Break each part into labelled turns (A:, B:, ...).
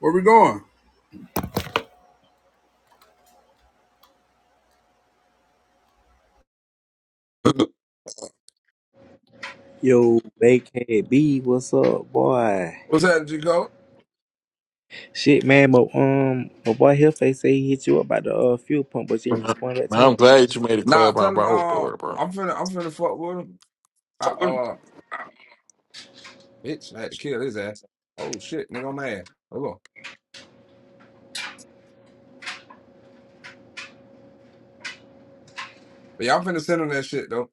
A: Where we going?
B: Yo, AKB, what's up, boy?
A: What's that? happening, Chico?
B: Shit, man, but um, my boy Hillface say he hit you up about the uh, fuel pump, but you didn't
C: Man,
B: respond back to
C: I'm
B: him.
C: glad you made a
A: Nah,
C: club on
A: tell him
C: Bravo
A: uh,
C: board, bro.
A: I'm finna I'm finna fuck with him. I uh bitch, I had to kill his ass. Oh shit, nigga, I'm mad. Hold on. But y'all finna send him that shit though.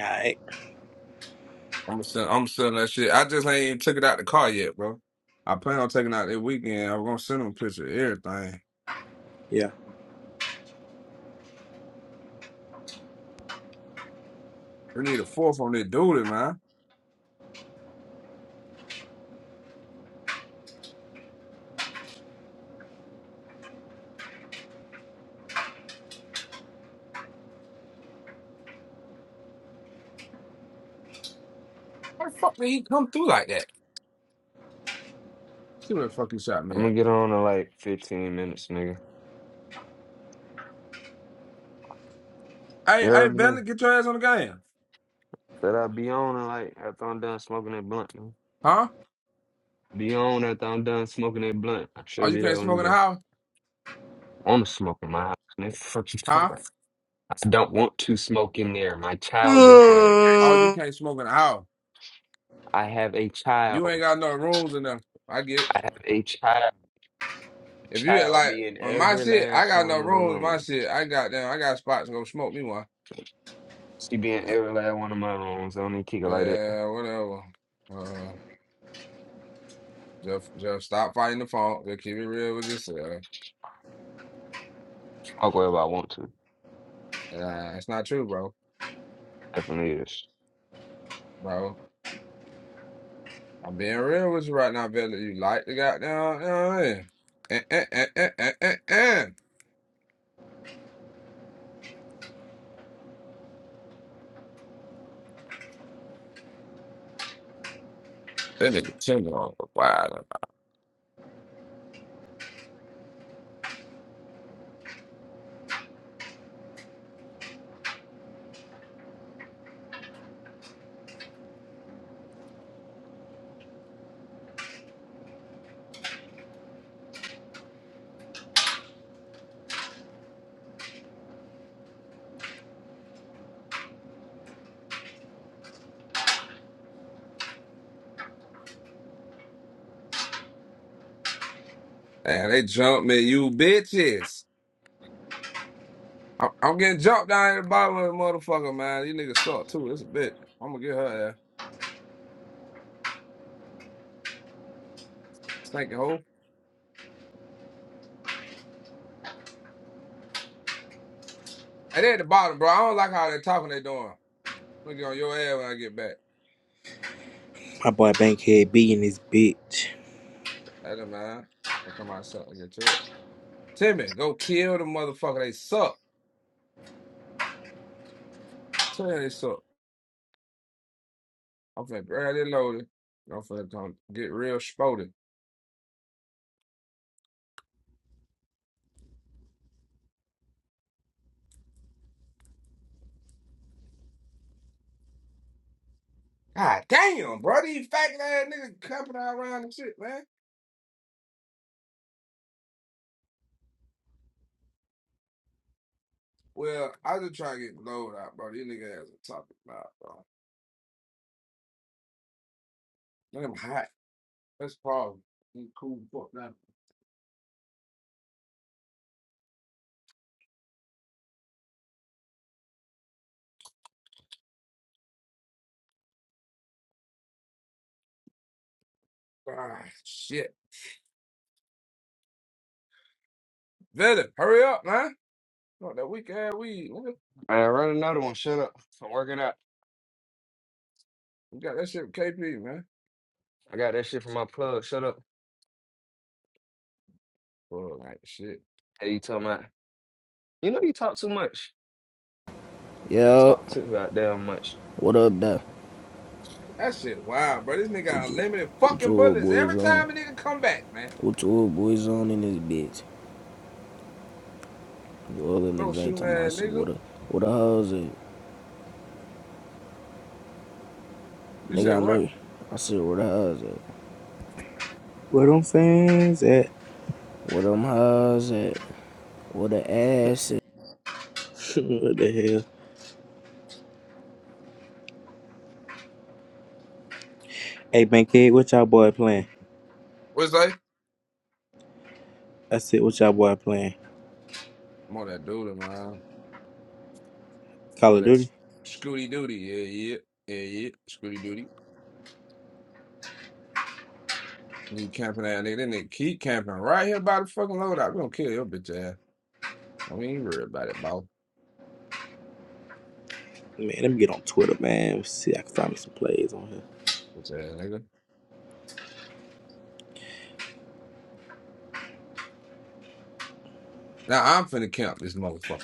B: Alright.
A: I'm gonna send I'm sending that shit. I just ain't even took it out the car yet, bro. I plan on taking it out that weekend. I'm gonna send him a picture of everything.
B: Yeah.
A: We need a fourth on that dude, man. How the fuck did he come through like that? See where the fuck he shot me
D: I'm
A: at.
D: gonna get on in like 15 minutes, nigga.
A: Hey,
D: You
A: hey,
D: heard me, nigga?
A: Valley, get your ass on the game.
D: Said I'll be on in like after I'm done smoking that blunt, nigga.
A: Huh?
D: Be on after I'm done smoking that blunt. I
A: Oh,
D: should
A: you
D: be
A: can't
D: there when you
A: smoke in the
D: done.
A: house?
D: I wanna smoke in my house, nigga. Fuck you talking
A: Huh?
D: about? I don't want to smoke in there. My child is there.
A: Oh, you
C: Mm.
A: can't smoke in the house.
D: I have a
A: You ain't
D: child.
A: got no rooms enough. I get it.
D: I have a child.
A: If you
D: Child
A: like
D: be in
A: on my
D: every
A: shit, I
D: last
A: got no
D: one of them
A: rooms. My
D: rooms.
A: shit, I got them. I got spots to go smoke me one.
D: She be in every last one of my rooms. I don't even kick it like that.
A: Yeah, whatever. Uh, just, just stop fighting the phone. Just keep it real with yourself.
D: I'll go if I want to.
A: Nah, it's not true, bro.
D: If I need this.
A: Bro, I'm being real with you right now, Villa. You like the goddamn, you know what I mean? Eh, eh, eh, eh, eh, eh, eh. That nigga Tim on the wild. And they jumped me, you bitches. I'm, I'm getting jumped down in the bottom of the motherfucker, man. You niggas suck too. It's a bitch. I'm gonna get her ass. Stinking hoe. And they at the bottom, bro. I don't like how they talking they doing. I'm gonna get on your ass when I get back.
B: My boy Bankhead B and his bitch.
A: That a man. I'll come myself. and get to it. Timmy, go kill the motherfucker. They suck. I'm telling you they suck. I'm finna grab it loaded. I'm finna come get real spotted. God damn, bro. These fat ass niggas camping out around and shit, man. Well, I just try to get loaded out, bro. These niggas ass are talking about, bro. Look at 'em hot. That's Paul. He cool fuck now. Ah, shit. Venom, hurry up, man. Not that weak ass weed. nigga.
D: Man, run another one. Shut up. I'm working out.
A: We got that shit with KP, man.
D: I got that shit from my plug. Shut up.
A: Fuck, like shit.
D: Hey, you talking about? You know you talk too much.
E: Yo,
D: Talk too goddamn much.
E: what up, though?
A: That shit wild, bro. This nigga got
E: What you,
A: unlimited
E: what your
A: fucking
E: old
A: bullets
E: boys
A: every
E: on?
A: time a nigga come back, man.
E: What your old boys on in this bitch? You other
A: No
E: niggas ain't
A: shooting
E: talking about
A: ass
E: shit.
A: nigga.
E: What the, what the hoes at?
A: You said
E: Nigga, I know
A: what?
E: you. I said, what the hoes at?
B: What I'm saying is that.
E: What them hoes at? What the ass at?
B: what the hell? Hey, Bankhead, what y'all boy playing?
A: What's that?
B: That's it, what y'all boy playing?
A: I'm that dude, man. More
B: Call of
A: that
B: Duty?
A: Scooty Doody. Yeah, yeah. Yeah, yeah. Scooty Doody. You camping that nigga. That nigga keep camping right here by the fucking loadout. We gonna kill your bitch ass. I mean, worry about it, ball.
B: Man, let me get on Twitter, man. See, I can find me some plays on here.
A: Bitch ass nigga. Now I'm finna camp this motherfucker.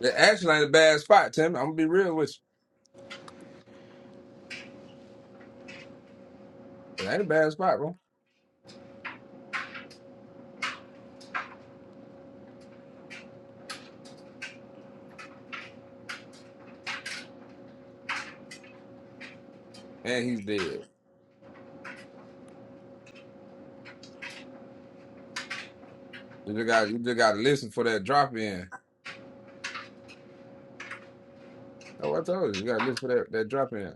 A: It actually ain't a bad spot, Tim. I'm gonna be real with you. It ain't a bad spot, bro. And he's dead. You just got you just gotta listen for that drop in. Oh, I told you, you gotta listen for that, that drop in.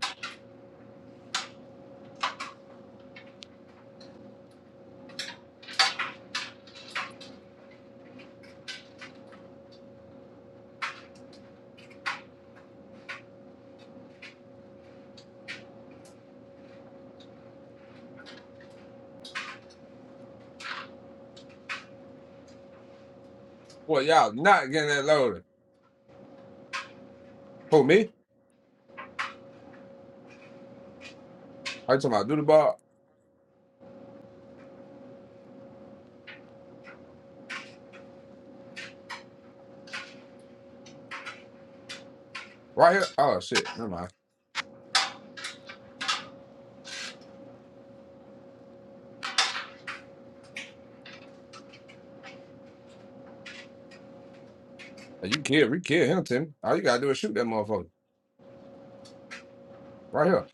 A: Boy, y'all not getting that loaded. Who me? Are you talking about do the ball right here? Oh shit, never mind. Hey, You kill, we kill him, Tim. All you gotta do is shoot that motherfucker right here.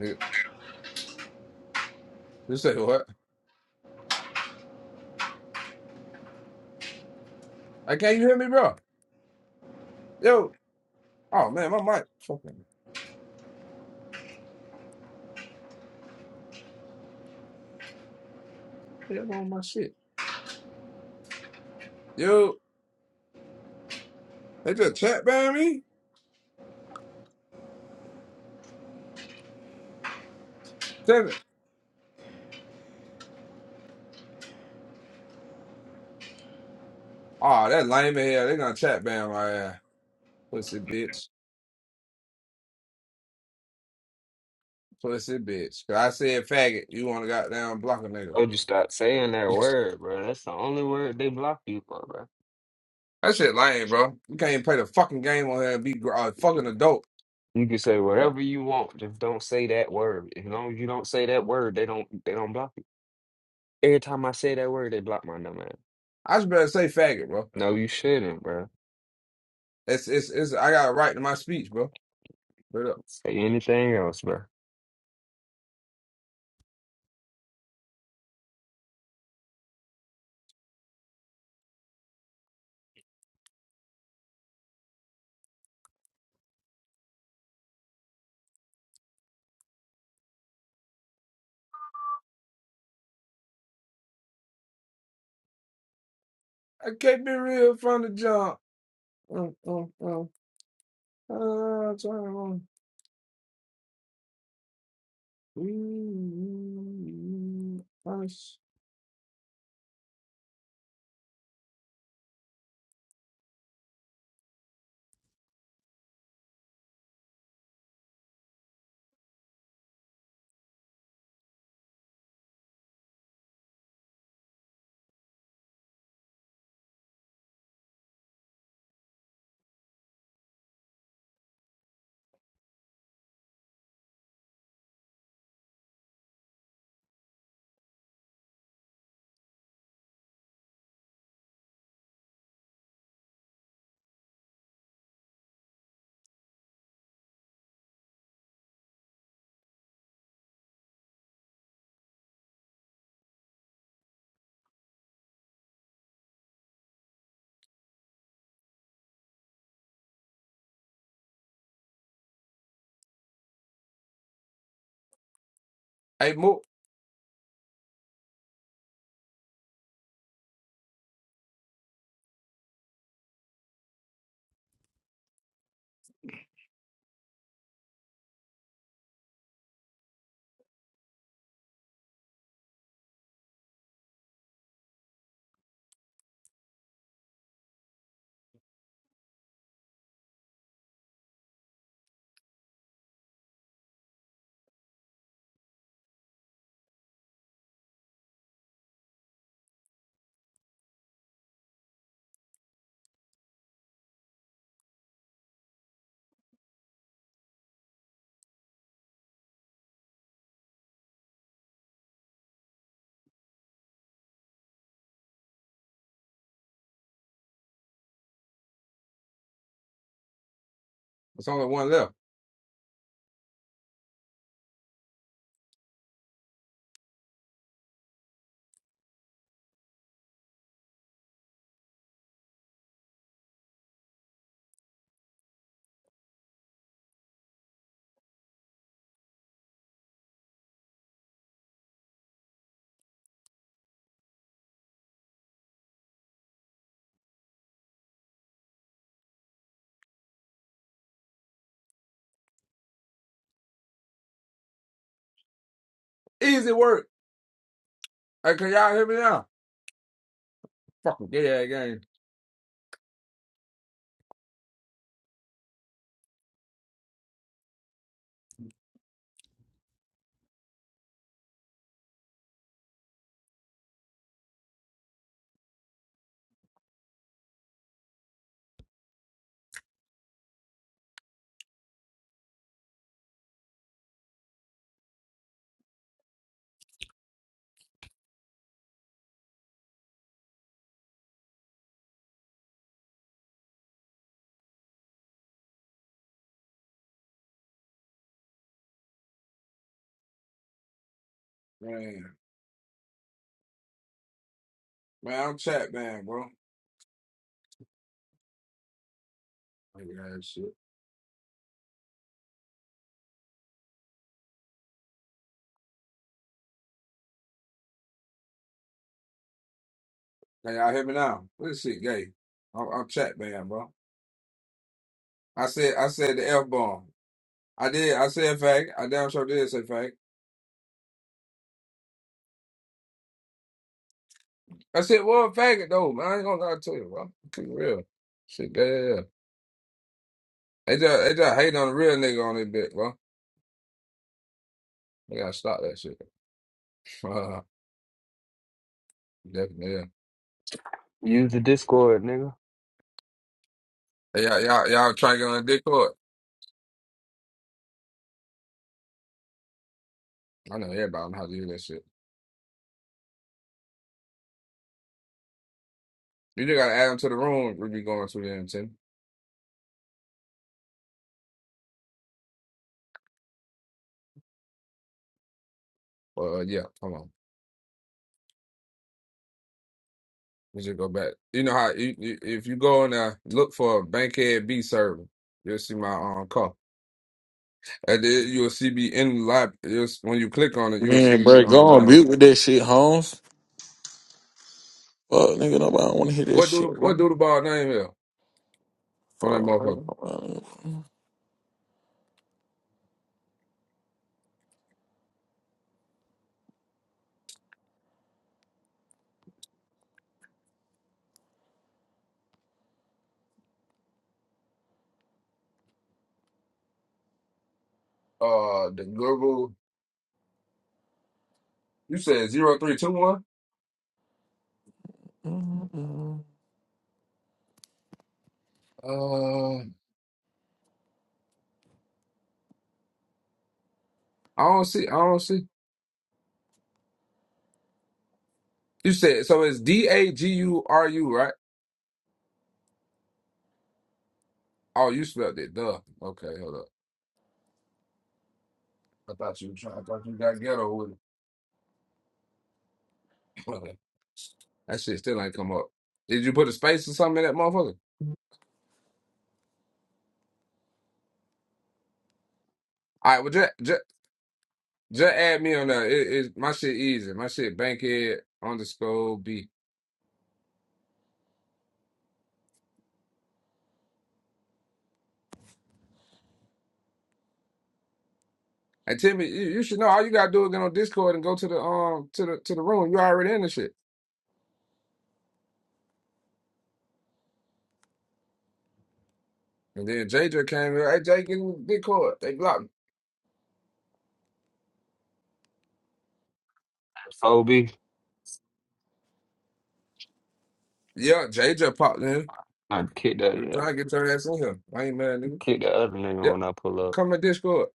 A: Nigga, you say what? Hey, can not you hear me, bro? Yo, oh man, my mic fucking. Yeah, on my shit. Yo, they just chat ban me. Oh, that lame as hell. They gonna chat ban my ass. Pussy bitch. Pussy bitch. Cause I said faggot. You wanna goddamn block a nigga.
D: Told you stop saying that word, bro. That's the only word they block you for, bro.
A: That shit lame, bro. You can't even play the fucking game on here and be gr- a fucking adult.
D: You can say whatever you want, just don't say that word. As long as you don't say that word, they don't they don't block you. Every time I say that word, they block my number.
A: I just better say faggot, bro.
D: No, you shouldn't, bro.
A: It's it's it's I got a right to my speech, bro. Straight up.
D: Say anything else, bro.
A: I can't be real from the jump. Mm, mm, mm. Ah, turn on. Mm, mm, mm. Hey, Mook. It's only one left. Easy work. Hey, can y'all hear me now? Fucking gay ass game. Man, man, I'm chat man, bro. Like, uh, shit. Can y'all hear me now? This shit gay. I'm, I'm chat man, bro. I said, I said the F bomb. I did. I said faggot. I damn sure did say faggot. I said, well, faggot though, man. I ain't gonna lie to you, bro. Keep it real. Shit gay. Yeah. They just, they just hate on the real nigga on this bit, bro. They gotta stop that shit. Uh, Definitely. Yeah.
D: Use the Discord, nigga.
A: Hey, y'all, y'all, y'all try to get on the Discord. I know everybody know how to do that shit. You just gotta add them to the room we be going to the Tim. Well, yeah, come on. Let's just go back. You know how you, you, if you go in there, look for a Bankhead B server. You'll see my um call, and then you'll see me in the lab. You'll, s- when you click on it, you'll see
C: Man,
A: me
C: bro, go
A: on
C: on
A: down.
C: mute with that shit, Holmes. Fuck, nigga, nobody want to hear that
A: What do the
C: shit,
A: what
C: bro.
A: do the ball name here on that motherfucker? Uh, the Google. You said zero three two one.
C: Fuck.
A: Uh, I don't see. I don't see. You said so. It's D A G U R U, right? Oh, you spelled it. Duh. Okay, hold up. I thought you were trying. I thought you got ghetto with it. Brother, That shit still ain't come up. Did you put a space or something in that motherfucker? All right, well, just, just, just add me on there. It, it, my shit easy. My shit bankhead underscore B. And Timmy, you, you should know all you gotta do is get on Discord and go to the um to the to the room. You already in the shit. And then JJ came here. Hey, Jay, get in Discord. They blocked me.
D: Phobie,
A: Yeah, JJ popped in.
D: I kick
A: We
D: that,
A: trying to get your ass in here. I ain't mad, nigga.
D: kick the other nigga
A: Yep,
D: when I pull up.
A: come in Discord.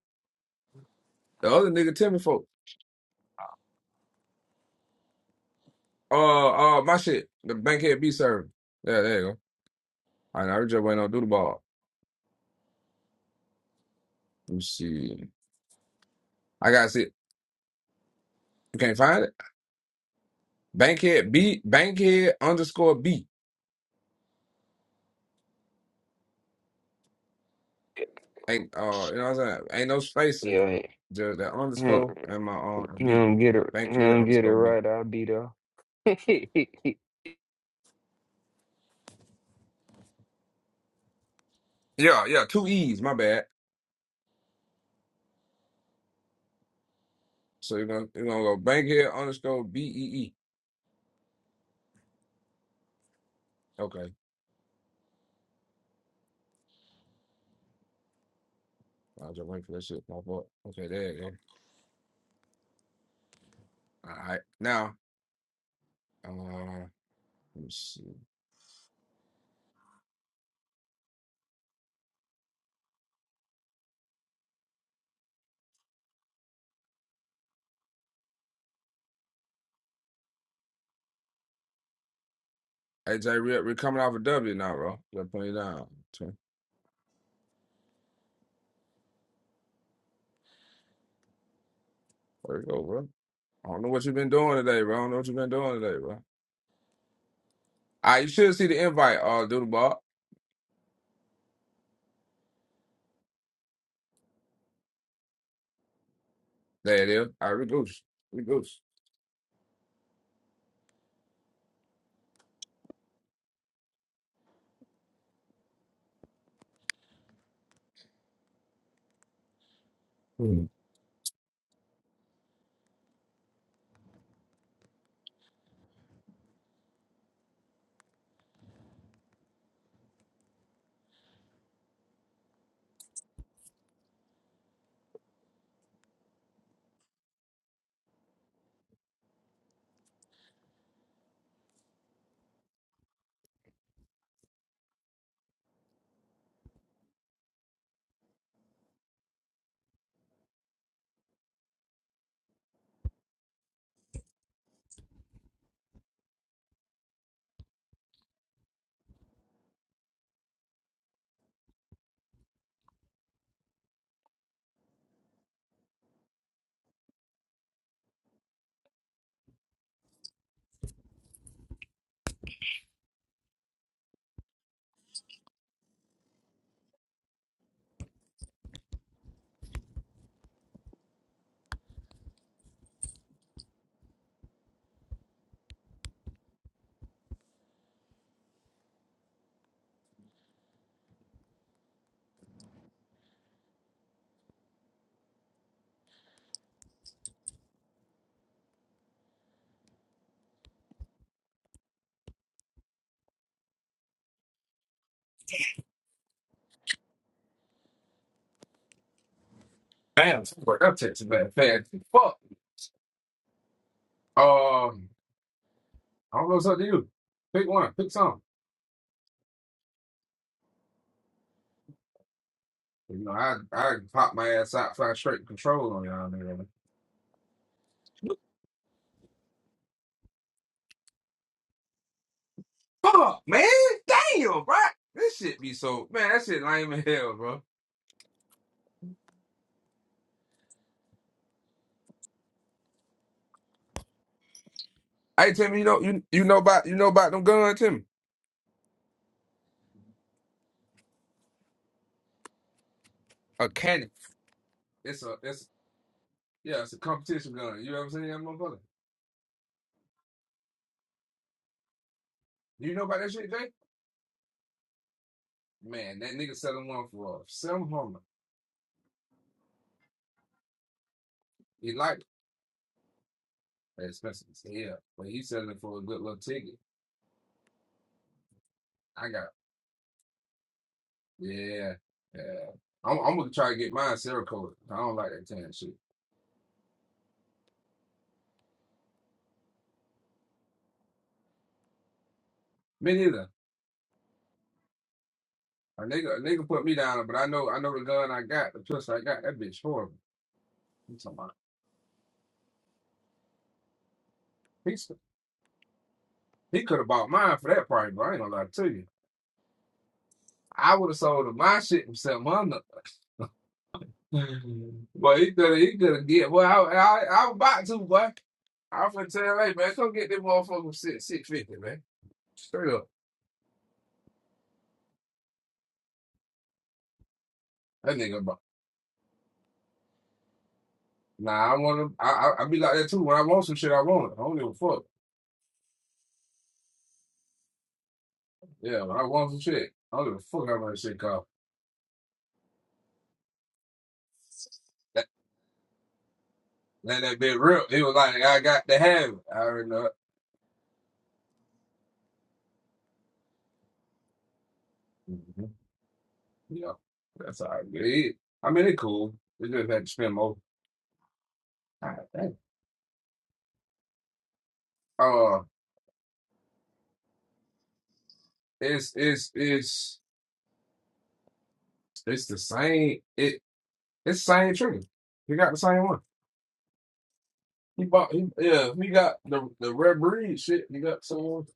A: The other nigga, Timmy folk. Uh, uh, my shit. The bankhead B server. Yeah, there you go. I know just waiting on through the ball. Let me see. I gotta see. it. You can't find it. Bankhead B Bankhead underscore B. Ain't uh you know what I'm saying? Ain't no spacing.
D: Yeah.
A: Just that
D: yeah.
A: underscore and my uh
D: He
A: B.
D: don't get it. He
A: Bankhead
D: don't get it
A: underscore B.
D: right. I'll be there.
A: Yeah, yeah, two E's, my bad. So you're gonna you're gonna go bankhead underscore B E E. Okay. I'll just wait for that shit. My fault. Okay, there you go. All right. Now, uh let me see. AJ Rip, we're coming off a W now, bro. Gotta put it down. There you go, bro. I don't know what you've been doing today, bro. I don't know what you've been doing today, bro. All right, you should see the invite, uh, Doodle Ball. There it is. All right, Regoose. Regoose. Hmm. Damn, somebody up to man. Fast. Fuck. Um, I don't know what's up to you. Pick one. Pick something. You know, I I pop my ass out, fly straight to control on y'all, nigga. Fuck, man. Damn, bro. This shit be so man. That shit lame as hell, bro. Hey, Timmy, you know you you know about you know about them guns, Timmy? A cannon. It's a it's yeah, it's a competition gun. You ever seen that motherfucker? Do you know about that shit, Jay? Man, that nigga selling one for uh, seven hundred. He like it. That's expensive as hell, but he selling it for a good little ticket. I got yeah, yeah. I'm, I'm gonna try to get mine Cerakote. I don't like that tan shit. Me neither. A nigga, a nigga put me down, but I know, I know the gun I got, the pistol I got. That bitch horrible. I'm talking about. He's, he could have bought mine for that price, but I ain't gonna lie to you. I would have sold my shit for seven hundred. Mm. Boy, he better, he better get. Well, I, I, I'm about to, boy. I'm finna tell you, hey, man, come get that motherfucker six six fifty, man. Straight up, that nigga. about- Nah, I want to. I, I I be like that too. When I want some shit, I want it. I don't give a fuck. Yeah, when I want some shit, I don't give a fuck how much shit cost. That that, that bit real. He was like, I got to have it. I already know. it. hmm Yeah, that's all right. It, is. I mean, it cool. We just had to spend more. God, damn. Uh, it's it's it's. It's the same. It it's the same tree. He got the same one. He bought. He, yeah, he got the the red breed shit. He got someone.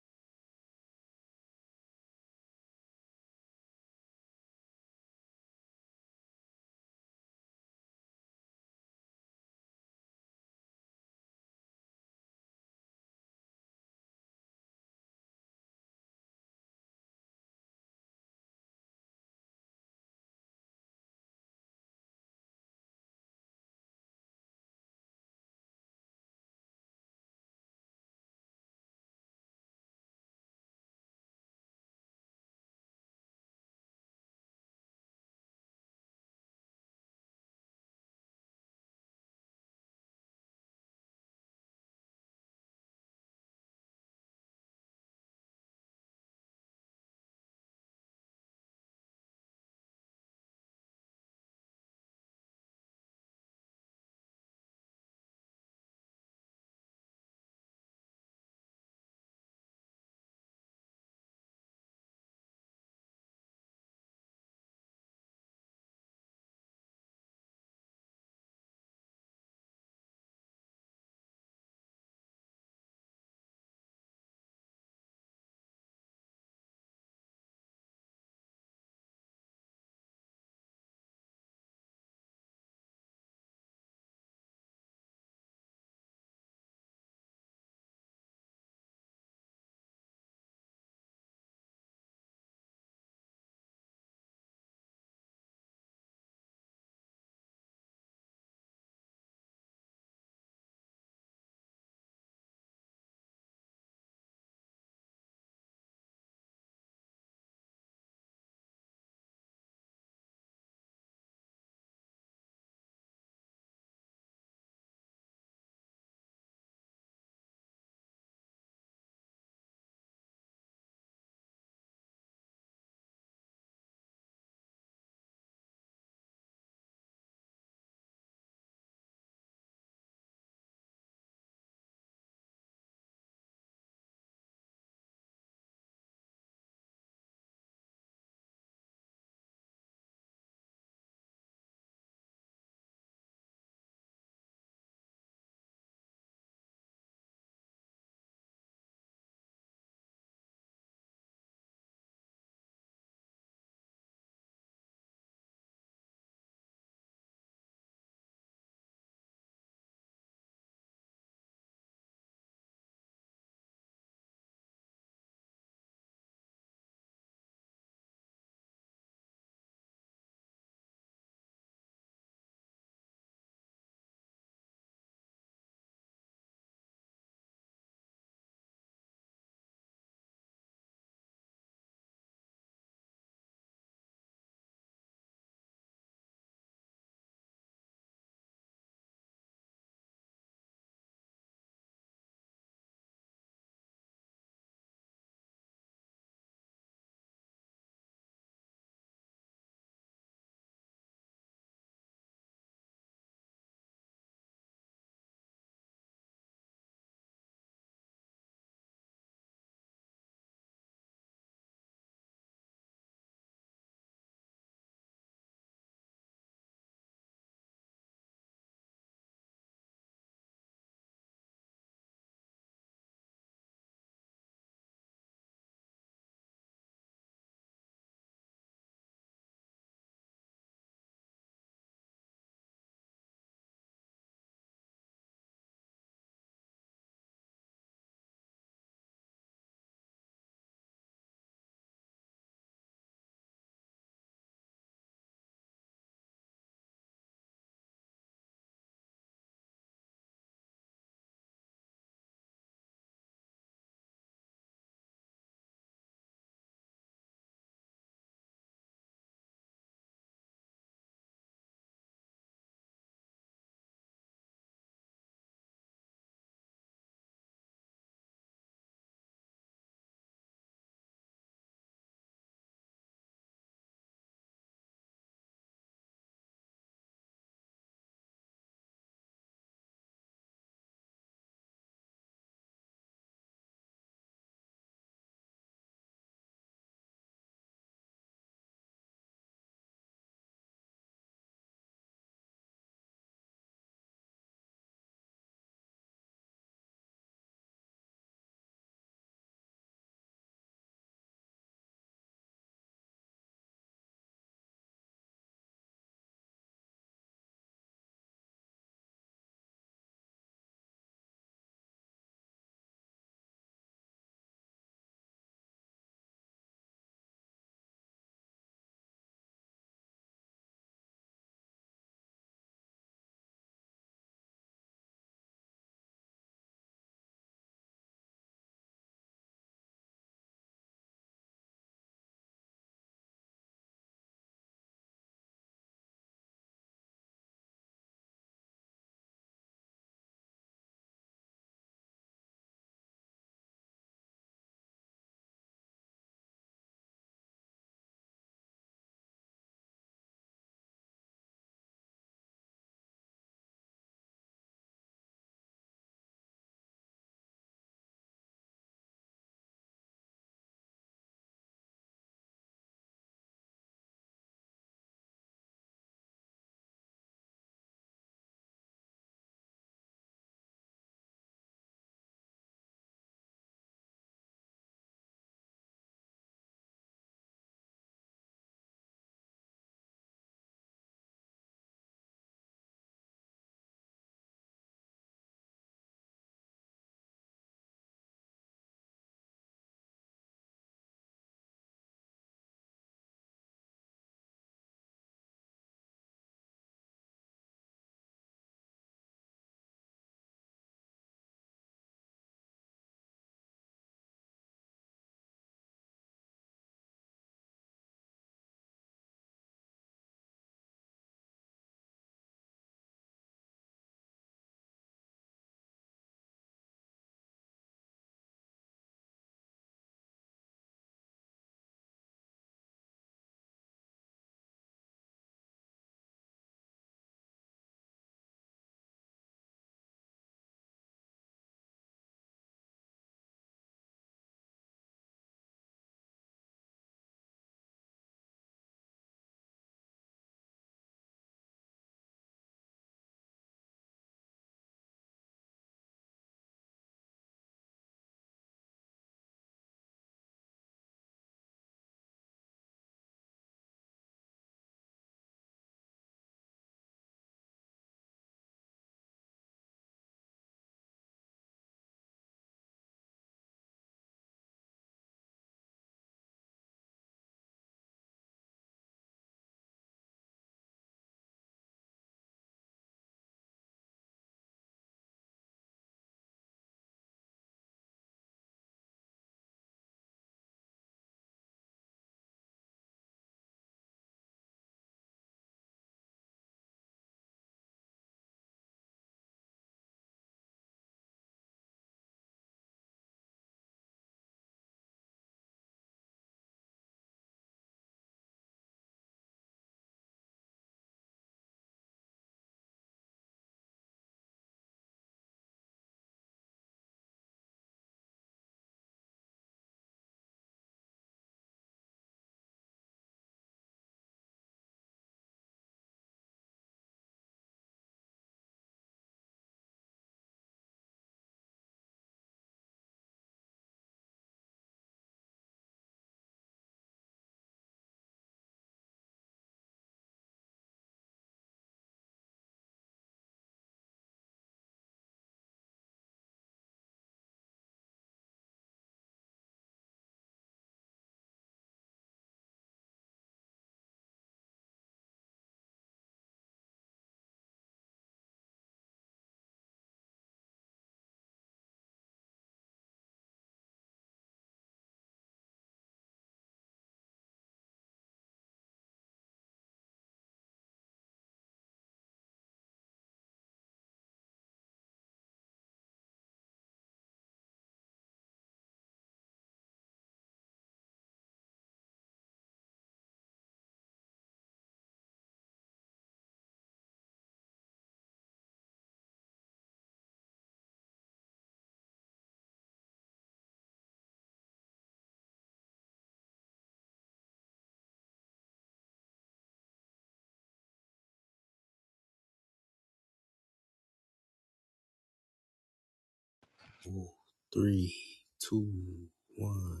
B: Four, three, two, one.